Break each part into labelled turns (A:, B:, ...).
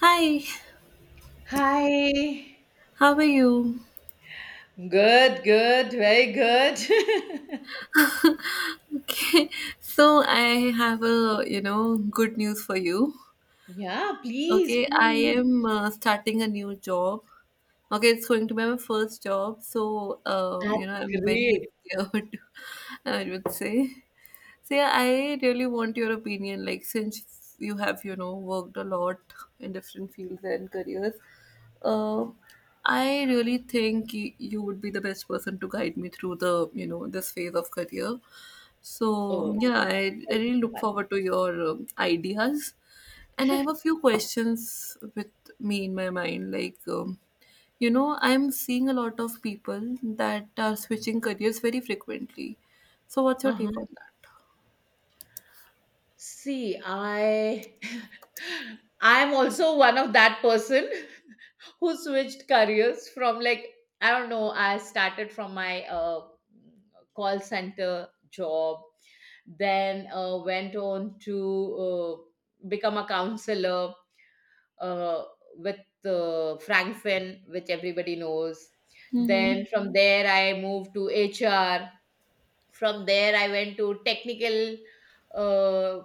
A: Hi,
B: Hi.
A: how are you?
B: Good, good, very good.
A: Okay, so I have a good news for you.
B: Yeah, please,
A: Okay, I
B: please.
A: am starting a new job. Okay, it's going to be my first job, so
B: That's
A: I'm very
B: great.
A: scared, I would say. So yeah, I really want your opinion. Like, since you have, worked a lot in different fields and careers, um, I really think you would be the best person to guide me through this phase of career. So
B: Oh,
A: yeah, I
B: thank you
A: really
B: so
A: look
B: much.
A: forward to your ideas, and I have a few questions with me in my mind. Like, I'm seeing a lot of people that are switching careers very frequently. So what's your
B: Uh-huh.
A: take on that?
B: See, I I'm also one of that person who switched careers from I don't know, I started from my call center job, then went on to become a counselor uh, with Frankfin, which everybody knows.
A: Mm-hmm.
B: Then from there, I moved to HR. From there, I went to technical uh,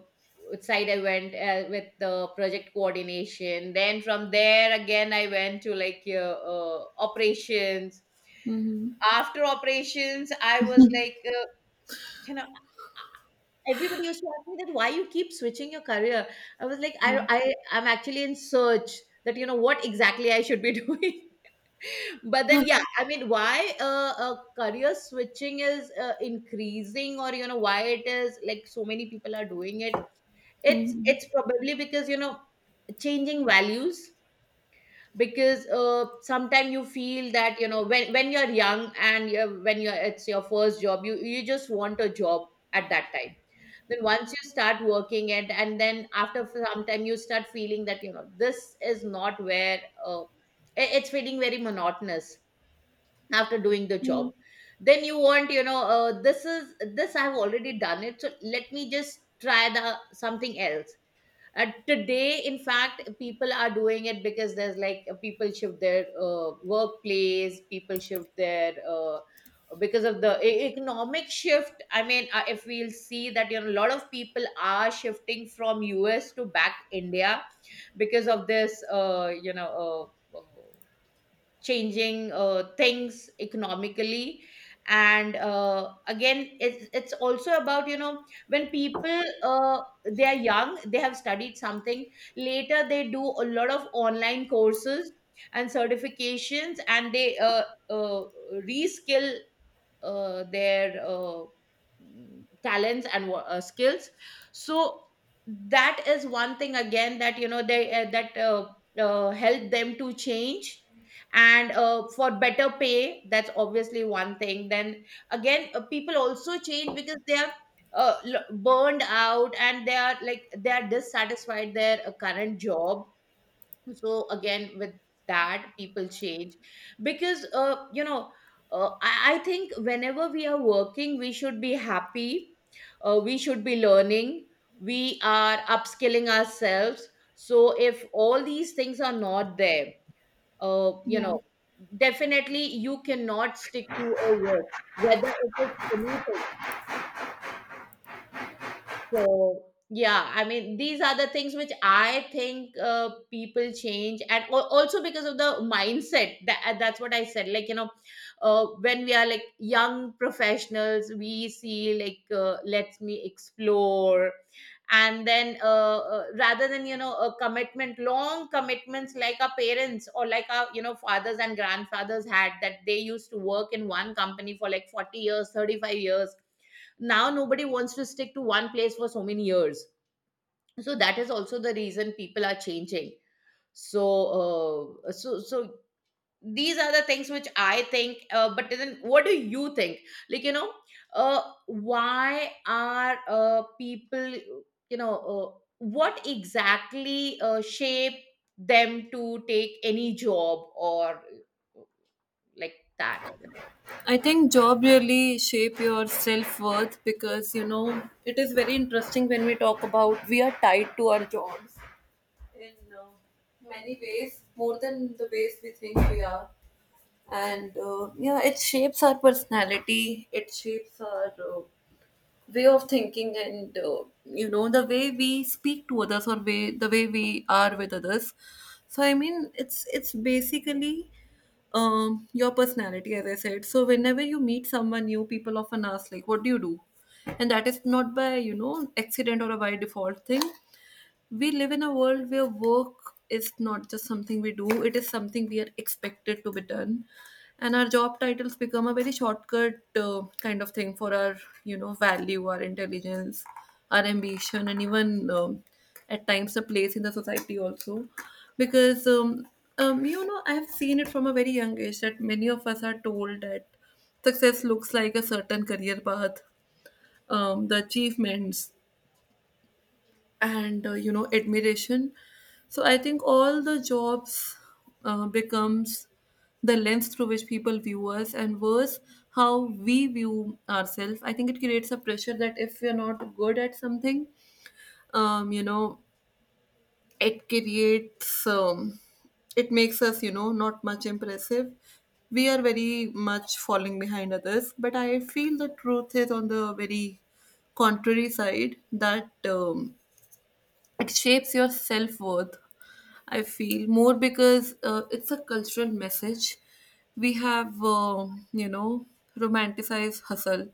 B: side. I went with the project coordination. Then from there, again, I went to operations.
A: Mm-hmm.
B: After operations, I was can I? Everybody used to ask me that why you keep switching your career. I was like,
A: Yeah.
B: I'm actually in search that you know what exactly I should be doing. But then yeah, I mean, why career switching is increasing, or you know why it is like so many people are doing it. It's
A: Mm-hmm.
B: it's probably because you know changing values, because sometimes you feel that you know when you're young and when you're it's your first job, you just want a job at that time. Then once you start working it, and then after some time you start feeling that you know this is not where uh, it's feeling very monotonous after doing the
A: Yeah.
B: job. Then you want you know this I've already done it, so let me just try the something else. Today, in fact, people are doing it because there's like people shift their workplace, people shift their because of the economic shift. I mean, if we'll see that you know a lot of people are shifting from US to back India because of this, you know. Changing things economically, and again it's also about you know when people they are young, they have studied something, later they do a lot of online courses and certifications, and they uh, reskill their talents and skills. So that is one thing again, that you know they that help them to change, and for better pay, that's obviously one thing. Then again people also change because they are burned out and they are like they are dissatisfied their current job. So again with that people change, because you know I think whenever we are working we should be happy, we should be learning, we are upskilling ourselves. So if all these things are not there, you
A: Yeah,
B: know, definitely you cannot stick to a work, whether it is anything. So yeah, I mean these are the things which I think people change, and also because of the mindset. That's what I said. Like you know, when we are like young professionals, we see like let me explore, and then rather than you know a commitment, long commitments like our parents or like our you know fathers and grandfathers had, that they used to work in one company for like 40 years, 35 years. Now nobody wants to stick to one place for so many years, so that is also the reason people are changing. So so these are the things which I think but then what do you think, like you know, why are people you know what exactly shape them to take any job or like that?
A: I think job really shape your self worth, because you know it is very interesting when we talk about we are tied to our jobs in uh, many ways, more than the ways we think we are. And yeah, it shapes our personality, it shapes our way of thinking, and you know, the way we speak to others or way, the way we are with others. So, I mean, it's basically your personality, as I said. So, whenever you meet someone new, people often ask, like, what do you do? And that is not by, you know, accident or a by default thing. We live in a world where work is not just something we do, it is something we are expected to be done, and our job titles become a very shortcut kind of thing for our, you know, value, our intelligence, our ambition, and even, at times, a place in the society also, because you know, I have seen it from a very young age that many of us are told that success looks like a certain career path, the achievements, and you know, admiration. So I think all the jobs becomes the lens through which people view us, and worse, how we view ourselves. I think it creates a pressure that if we're not good at something, um, you know it creates, it makes us, you know, not much impressive. We are very much falling behind others, but I feel the truth is on the very contrary side, that it shapes your self-worth, I feel, more because it's a cultural message. We have, you know romanticized hustle,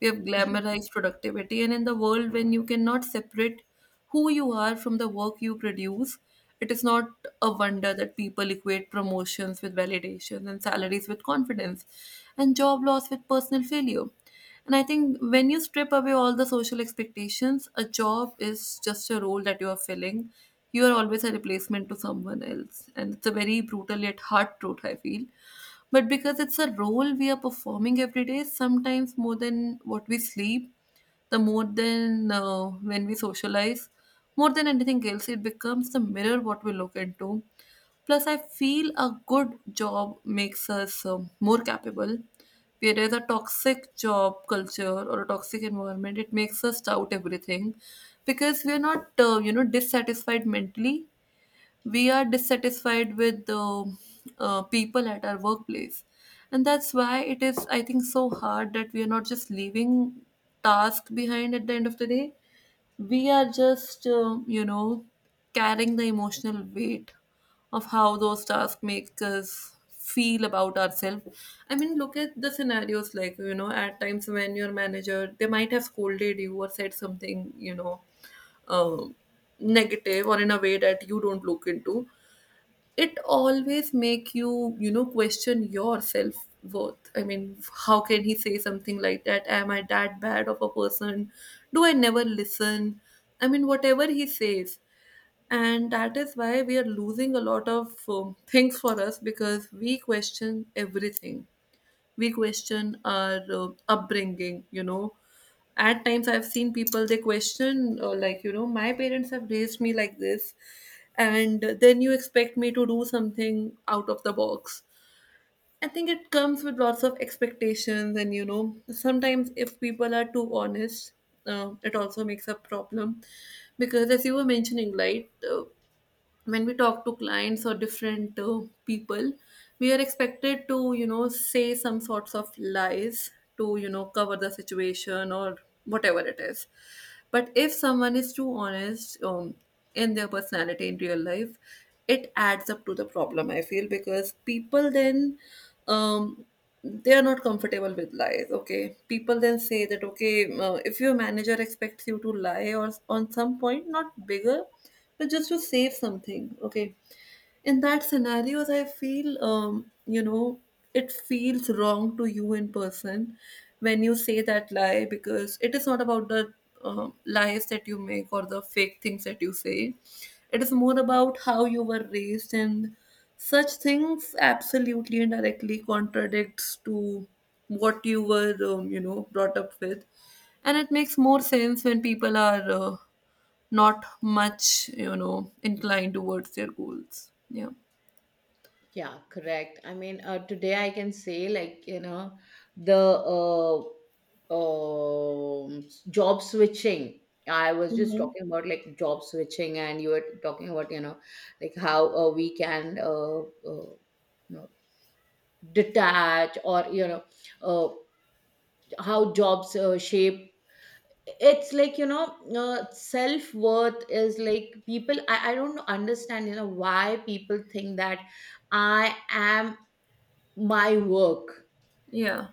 A: we have glamorized productivity, and in the world when you cannot separate who you are from the work you produce, it is not a wonder that people equate promotions with validation, and salaries with confidence, and job loss with personal failure. And I think when you strip away all the social expectations, a job is just a role that you are filling. You are always a replacement to someone else. And it's a very brutal yet hard truth, I feel. But because it's a role we are performing every day, sometimes more than what we sleep, the more than, when we socialize, more than anything else, it becomes the mirror what we look into. Plus, I feel a good job makes us more capable, whereas a toxic job culture or a toxic environment, it makes us doubt everything, because we are not, dissatisfied mentally. We are dissatisfied with the people at our workplace. And that's why it is, I think, so hard, that we are not just leaving task behind at the end of the day, we are just, carrying the emotional weight of how those tasks make us feel about ourselves. I mean, look at the scenarios, like, you know, at times when your manager, they might have scolded you or said something, you know, um, negative or in a way that you don't look into, it always make you, you know, question your self worth. I mean, how can he say something like that? Am I that bad of a person? Do I never listen? I mean, whatever he says. And that is why we are losing a lot of things for us, because we question everything. We question our upbringing, you know. At times I've seen people, they question, like, you know, my parents have raised me like this, and then you expect me to do something out of the box. I think it comes with lots of expectations, and you know, sometimes if people are too honest, it also makes a problem, because as you were mentioning, right, when we talk to clients or different people, we are expected to, you know, say some sorts of lies to, you know, cover the situation or whatever it is. But if someone is too honest, in their personality, in real life, it adds up to the problem, I feel, because people then, um, they are not comfortable with lies. Okay, people then say that, okay, if your manager expects you to lie, or on some point not bigger, but just to save something, okay, in that scenarios I feel, it feels wrong to you in person when you say that lie, because it is not about the lies that you make or the fake things that you say. It is more about how you were raised, and such things absolutely and directly contradicts to what you were, brought up with. And it makes more sense when people are, not much, you know, inclined towards their goals. Yeah.
B: Yeah, correct. I mean, today I can say like, you know, the job switching. I was just talking about like job switching, and you were talking about, you know, like how we can, uh, you know, detach or, you know, uh, how jobs shape. It's like, you know, self-worth is like people, I don't understand, you know, why people think that I am my work.
A: Yeah.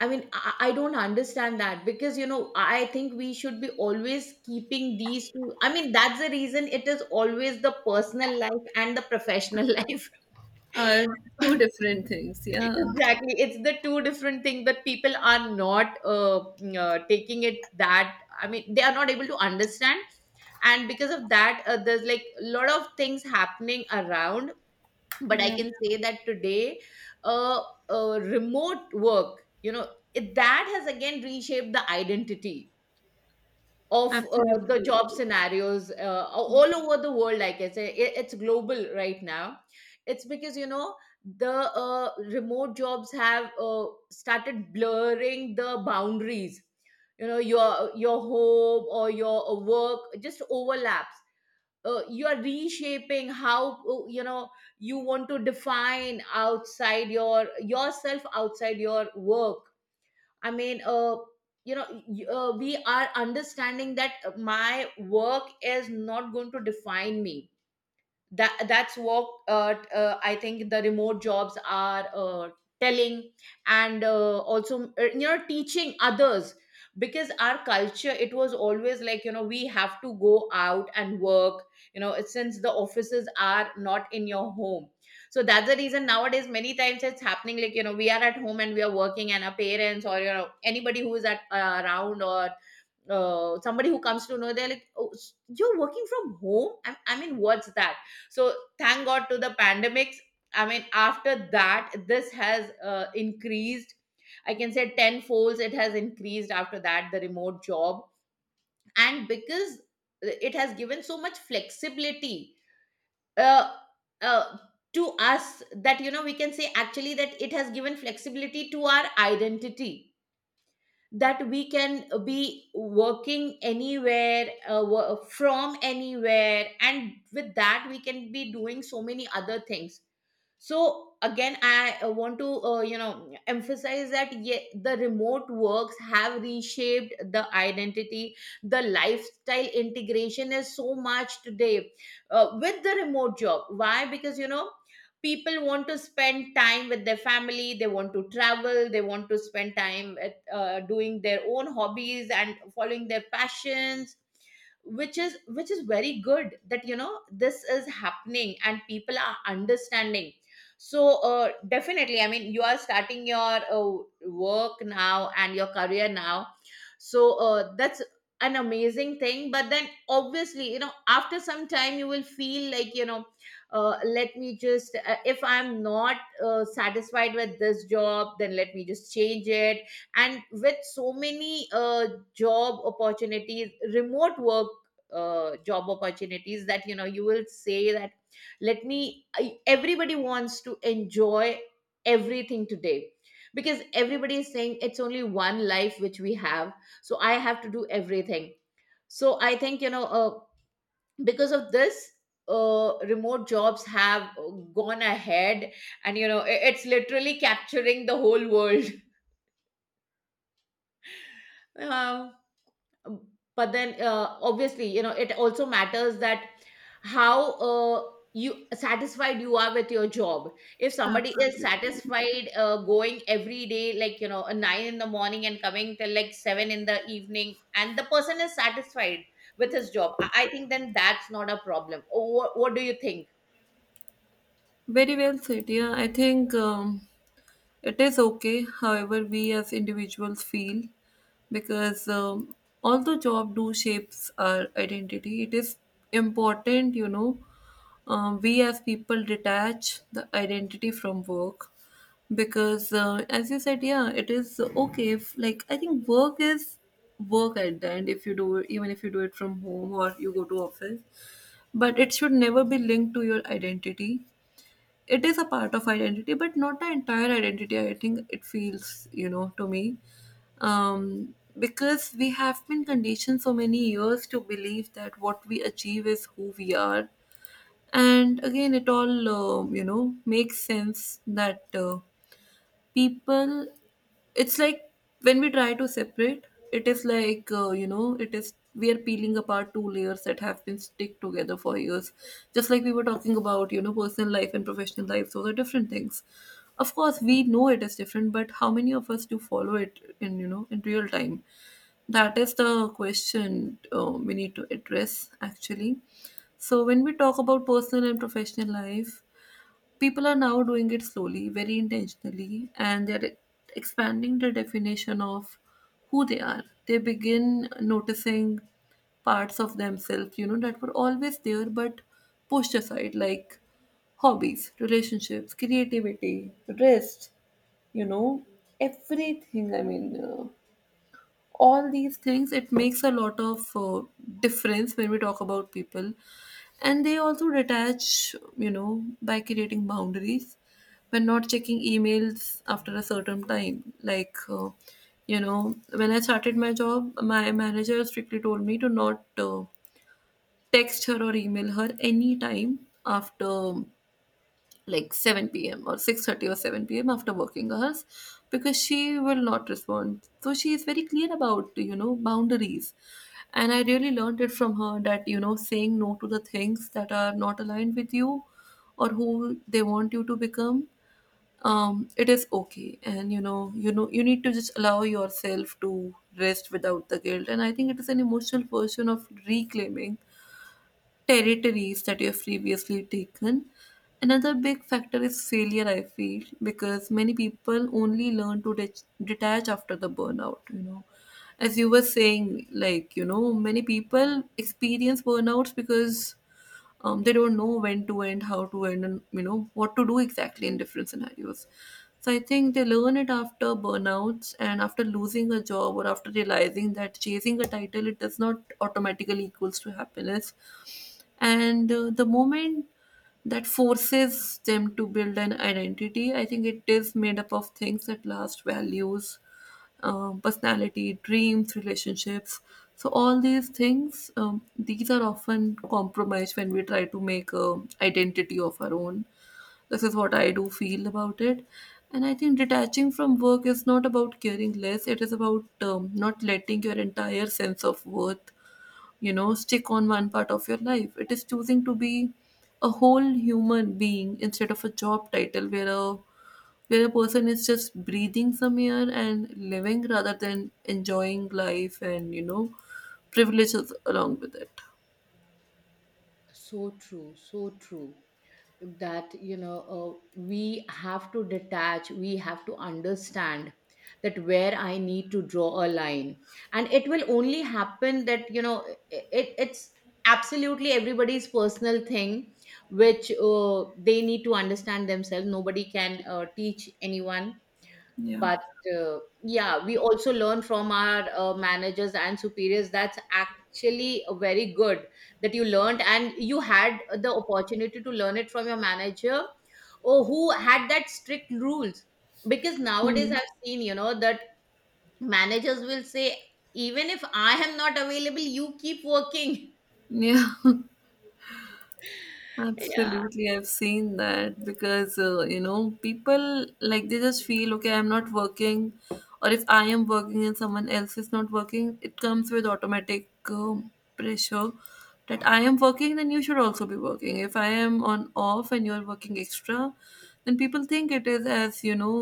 B: I mean, I don't understand that, because, you know, I think we should be always keeping these two. I mean, that's the reason it is always the personal life and the professional life.
A: Are two
B: Exactly.
A: different things. Yeah.
B: It's the two different things that people are not taking it, that, I mean, they are not able to understand. And because of that, there's like a lot of things happening around, but I
A: Yeah.
B: can say that today uh, remote work, you know, that has again reshaped the identity of the
A: Absolutely.
B: job scenarios all
A: Yes.
B: over the world. Like I say it, it's global right now. It's because you know the remote jobs have started blurring the boundaries. You know your home or your work just overlaps. You are reshaping how you know you want to define outside your yourself outside your work. I mean you know we are understanding that my work is not going to define me. That's what I think the remote jobs are telling, and also you know teaching others. Because our culture, it was always like you know we have to go out and work. You know, since the offices are not in your home, so that's the reason nowadays many times it's happening like you know we are at home and we are working, and our parents or you know anybody who is at around, or somebody who comes to know, they're like, oh you're working from home, I mean, what's that? So thank god to the pandemics. I mean after that this has increased, I can say, ten folds. It has increased after that, the remote job. And because it has given so much flexibility uh, uh, to us, that you know we can say actually that it has given flexibility to our identity, that we can be working anywhere from anywhere, and with that we can be doing so many other things. So again I want to you know emphasize that yeah, the remote works have reshaped the identity. The lifestyle integration is so much today with the remote job, why? Because you know people want to spend time with their family, they want to travel, they want to spend time at, doing their own hobbies and following their passions, which is very good that you know this is happening and people are understanding. So definitely, I mean you are starting your work now and your career now. So that's an amazing thing, but then obviously you know after some time you will feel like you know, let me just if I'm not satisfied with this job, then let me just change it. And with so many job opportunities, remote work job opportunities, that you know you will say that let me I, everybody wants to enjoy everything today, because everybody is saying it's only one life which we have, so I have to do everything. So I think you know because of this remote jobs have gone ahead, and you know it's literally capturing the whole world. Um Um, but then obviously you know it also matters that how you satisfied you are with your job. If somebody is
A: Absolutely.
B: satisfied going every day like you know 9 in the morning and coming till like 7 in the evening, and the person is satisfied with his job, I think then that's not a problem. What do you think?
A: Very well said. Yeah, I think, it is okay, however we as individuals feel, because, although job do shapes our identity, it is important, you know, we as people detach the identity from work, because, as you said, yeah, it is okay if, like, I think work is work at the end, if you do it, even if you do it from home or you go to office, but it should never be linked to your identity. It is a part of identity but not the entire identity, I think it feels, you know, to me, because we have been conditioned so many years to believe that what we achieve is who we are. And again, it all, makes sense that, people, it's like, when we try to separate, it is like, it is we are peeling apart two layers that have been stick together for years. Just like we were talking about, you know, personal life and professional life, those are different things. Of course we know it is different, but how many of us do follow it in, you know, in real time? That is the question we need to address, actually. So when we talk about personal and professional life, people are now doing it slowly, very intentionally, and they're expanding the definition of who they are. They begin noticing parts of themselves, you know, that were always there but pushed aside, like hobbies, relationships, creativity, rest, you know, everything. I mean, all these things, it makes a lot of difference when we talk about people. And they also detach, you know, by creating boundaries, when not checking emails after a certain time, like, when I started my job, my manager strictly told me to not text her or email her anytime after like 7 p.m. or 6:30 or 7 p.m. after working hours, because she will not respond. So she is very clear about, you know, boundaries. And I really learned it from her that, you know, saying no to the things that are not aligned with you or who they want you to become, it is okay. And you need to just allow yourself to rest without the guilt. And I think it is an emotional version of reclaiming territories that you have previously taken. Another big factor is failure, I feel, because many people only learn to detach after the burnout, you know. As you were saying, like, you know, many people experience burnouts because, they don't know when to end, how to end, and you know what to do exactly in different scenarios. So I think they learn it after burnouts, and after losing a job, or after realizing that chasing a title, it does not automatically equals to happiness. And the moment that forces them to build an identity, I think it is made up of things that last: values, personality, dreams, relationships. So all these things, these are often compromised when we try to make a identity of our own. This is what I do feel about it, and I think detaching from work is not about caring less. It is about not letting your entire sense of worth stick on one part of your life. It is choosing to be a whole human being instead of a job title where a person is just breathing some air and living rather than enjoying life and privileges along with it.
B: So true, so true, that you know we have to detach, we have to understand that where I need to draw a line. And it will only happen that you know it's absolutely everybody's personal thing, which they need to understand themselves. Nobody can teach anyone.
A: Yeah.
B: But yeah, we also learn from our managers and superiors. That's actually very good, that you learned and you had the opportunity to learn it from your manager or who had that strict rules. Because nowadays
A: Mm.
B: I've seen you know that managers will say, even if I am not available, you keep working.
A: Yeah.
B: Yeah.
A: Absolutely, I've seen that because you know people like they just feel okay, I'm not working, or if I am working and someone else is not working, it comes with automatic pressure that I am working, then you should also be working. If I am on off and you're working extra, then people think it is as you know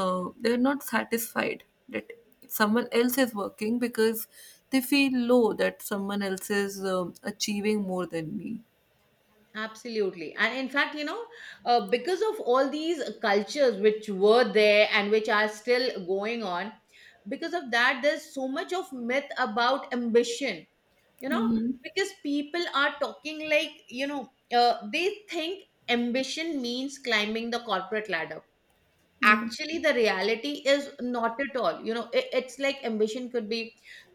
A: uh, they're not satisfied that someone else is working because they feel low that someone else is achieving more than me.
B: Absolutely. And in fact, you know, because of all these cultures which were there and which are still going on, because of that, there's so much of myth about ambition, you know,
A: Mm-hmm.
B: because people are talking like, you know, they think ambition means climbing the corporate ladder.
A: Yeah.
B: Actually the reality is not at all, you know it's like ambition could be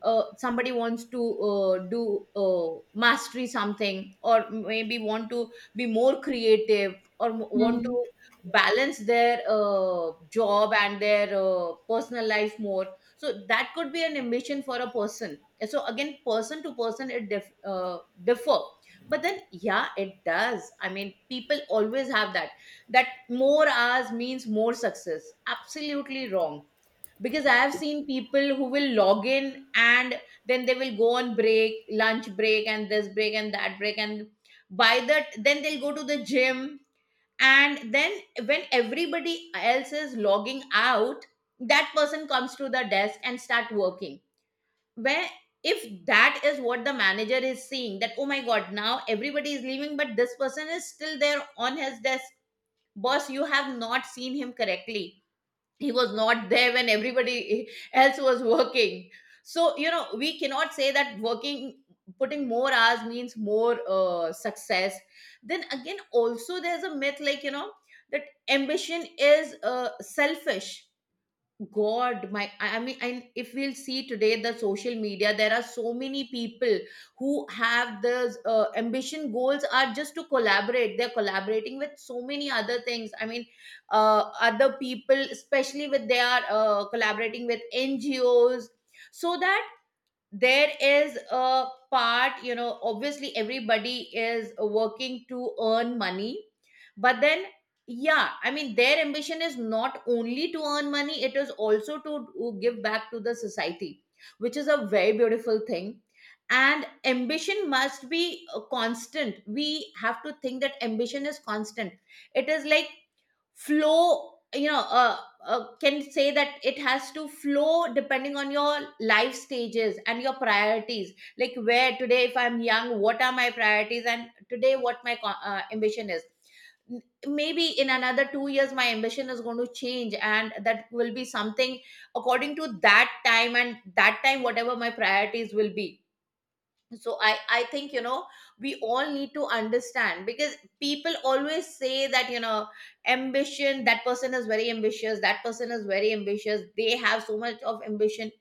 B: somebody wants to do mastery something, or maybe want to be more creative, or want
A: Mhm.
B: to balance their job and their personal life more. So that could be an ambition for a person. And so again person to person it differ. But then yeah it does, I mean people always have that, that more hours means more success. Absolutely wrong. Because I have seen people who will log in, and then they will go on break, lunch break, and this break and that break. And by that, then they'll go to the gym. And then when everybody else is logging out, that person comes to the desk and start working. Where if that is what the manager is seeing, that, oh my god, now everybody is leaving, but this person is still there on his desk. Boss, you have not seen him correctly. He was not there when everybody else was working. So you know we cannot say that working, putting more hours means more success. Then again also there's a myth like you know, that ambition is selfish. God, I mean, and if we'll see today the social media, there are so many people who have those ambition goals are just to collaborate. They're collaborating with so many other things. I mean, other people, especially with they are collaborating with NGOs, so that there is a part, you know, obviously everybody is working to earn money, but then yeah I mean their ambition is not only to earn money, it is also to give back to the society, which is a very beautiful thing. And ambition must be constant, we have to think that ambition is constant. It is like flow, you know, can say that it has to flow depending on your life stages and your priorities. Like where today if I'm young, what are my priorities, and today what ambition is. N- Maybe in another 2 years my ambition is going to change, and that will be something according to that time, and that time whatever my priorities will be. So I think you know we all need to understand, because people always say that you know, ambition, that person is very ambitious, that person is very ambitious, they have so much of ambition,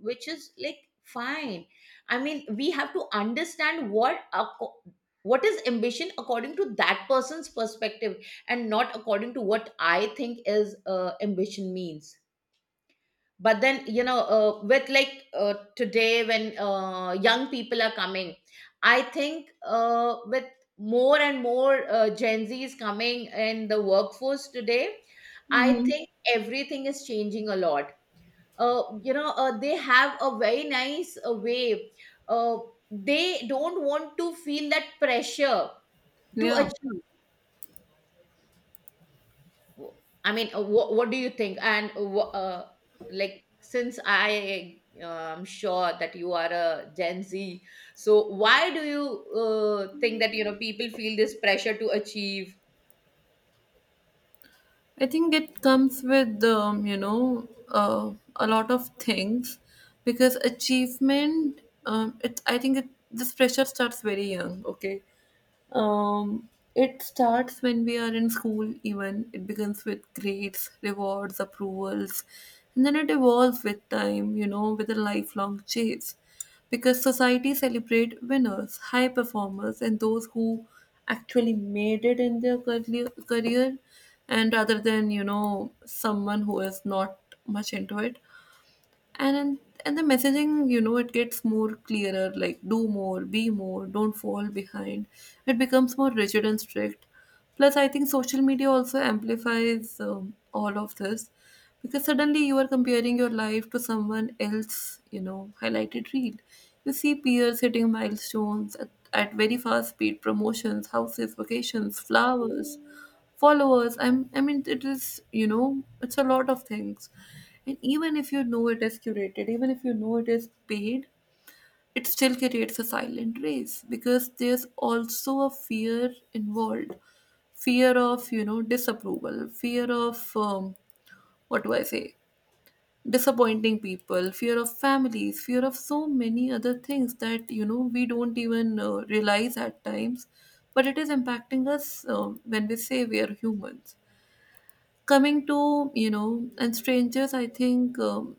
B: which is like fine. I mean we have to understand what what is ambition according to that person's perspective, and not according to what I think is ambition means. But then you know with like today when young people are coming, I think with more and more Gen Z is coming in the workforce today, I
A: Mhm.
B: think everything is changing a lot. You know they have a very nice way, uh, they don't want to feel that pressure to
A: Yeah.
B: achieve. w- I mean, what do you think? And like, since I'm sure that you are a Gen Z, so why do you think that you know people feel this pressure to achieve?
A: I think it comes with, a lot of things because achievement, I think this pressure starts very young, okay? Um, it starts when we are in school, even. It begins with grades, rewards, approvals, and then it evolves with time, you know, with a lifelong chase. Because society celebrate winners, high performers, and those who actually made it in their career and rather than, you know, someone who is not much into it and and and the messaging, you know, it gets more clearer, like do more, be more, don't fall behind. It becomes more rigid and strict. Plus I think social media also amplifies, all of this because suddenly you are comparing your life to someone else, you know, highlighted reel. You see peers hitting milestones at very fast speed: promotions, houses, vacations, flowers, followers. I mean, it is, you know, it's a lot of things. And even if you know it is curated, even if you know it is paid, it still creates a silent race because there's also a fear involved. Fear of, you know, disapproval, fear of, what do I say, disappointing people, fear of families, fear of so many other things that you know we don't even realize at times. But it is impacting us, when we say we are humans. Coming to, you know, and strangers, I think,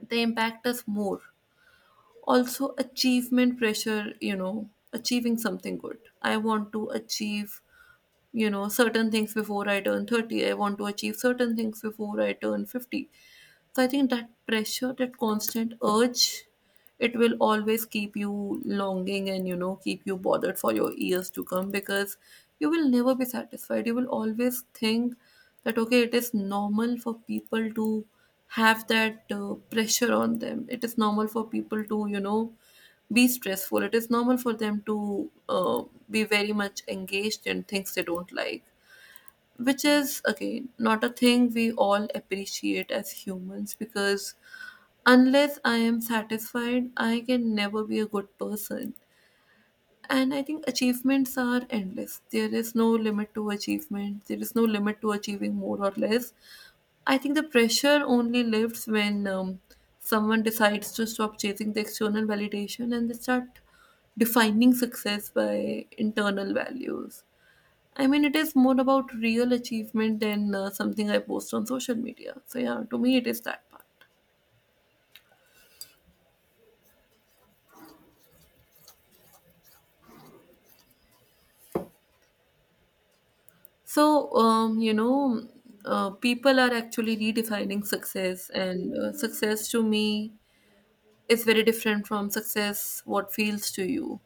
A: they impact us more. Also achievement pressure, you know, achieving something good. I want to achieve, you know, certain things before I turn 30. I want to achieve certain things before I turn 50. So I think that pressure, that constant urge, it will always keep you longing and, you know, keep you bothered for your years to come, because you will never be satisfied. You will always think that okay, it is normal for people to have that pressure on them, it is normal for people to, you know, be stressful. It is normal for them to be very much engaged in things they don't like, which is, again, not a thing we all appreciate as humans because unless I am satisfied, I can never be a good person. And I think achievements are endless. There is no limit to achievement, there is no limit to achieving more or less. I think the pressure only lifts when someone decides to stop chasing the external validation and they start defining success by internal values. I mean, it is more about real achievement than something I post on social media. So, yeah, to me, it is that part. So, people are actually redefining success, and success to me is very different from success what feels to you,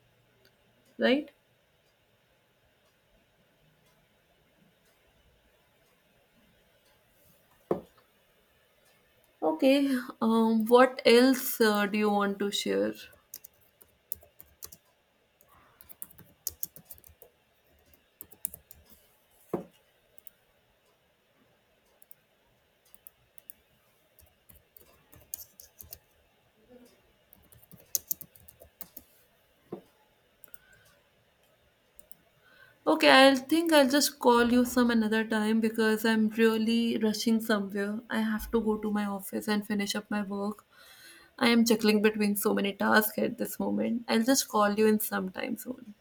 A: right? Okay, what else do you want to share? Okay, I'll think I'll just call you some another time because I'm really rushing somewhere. I have to go to my office and finish up my work. I am juggling between so many tasks at this moment. I'll just call you in some time soon.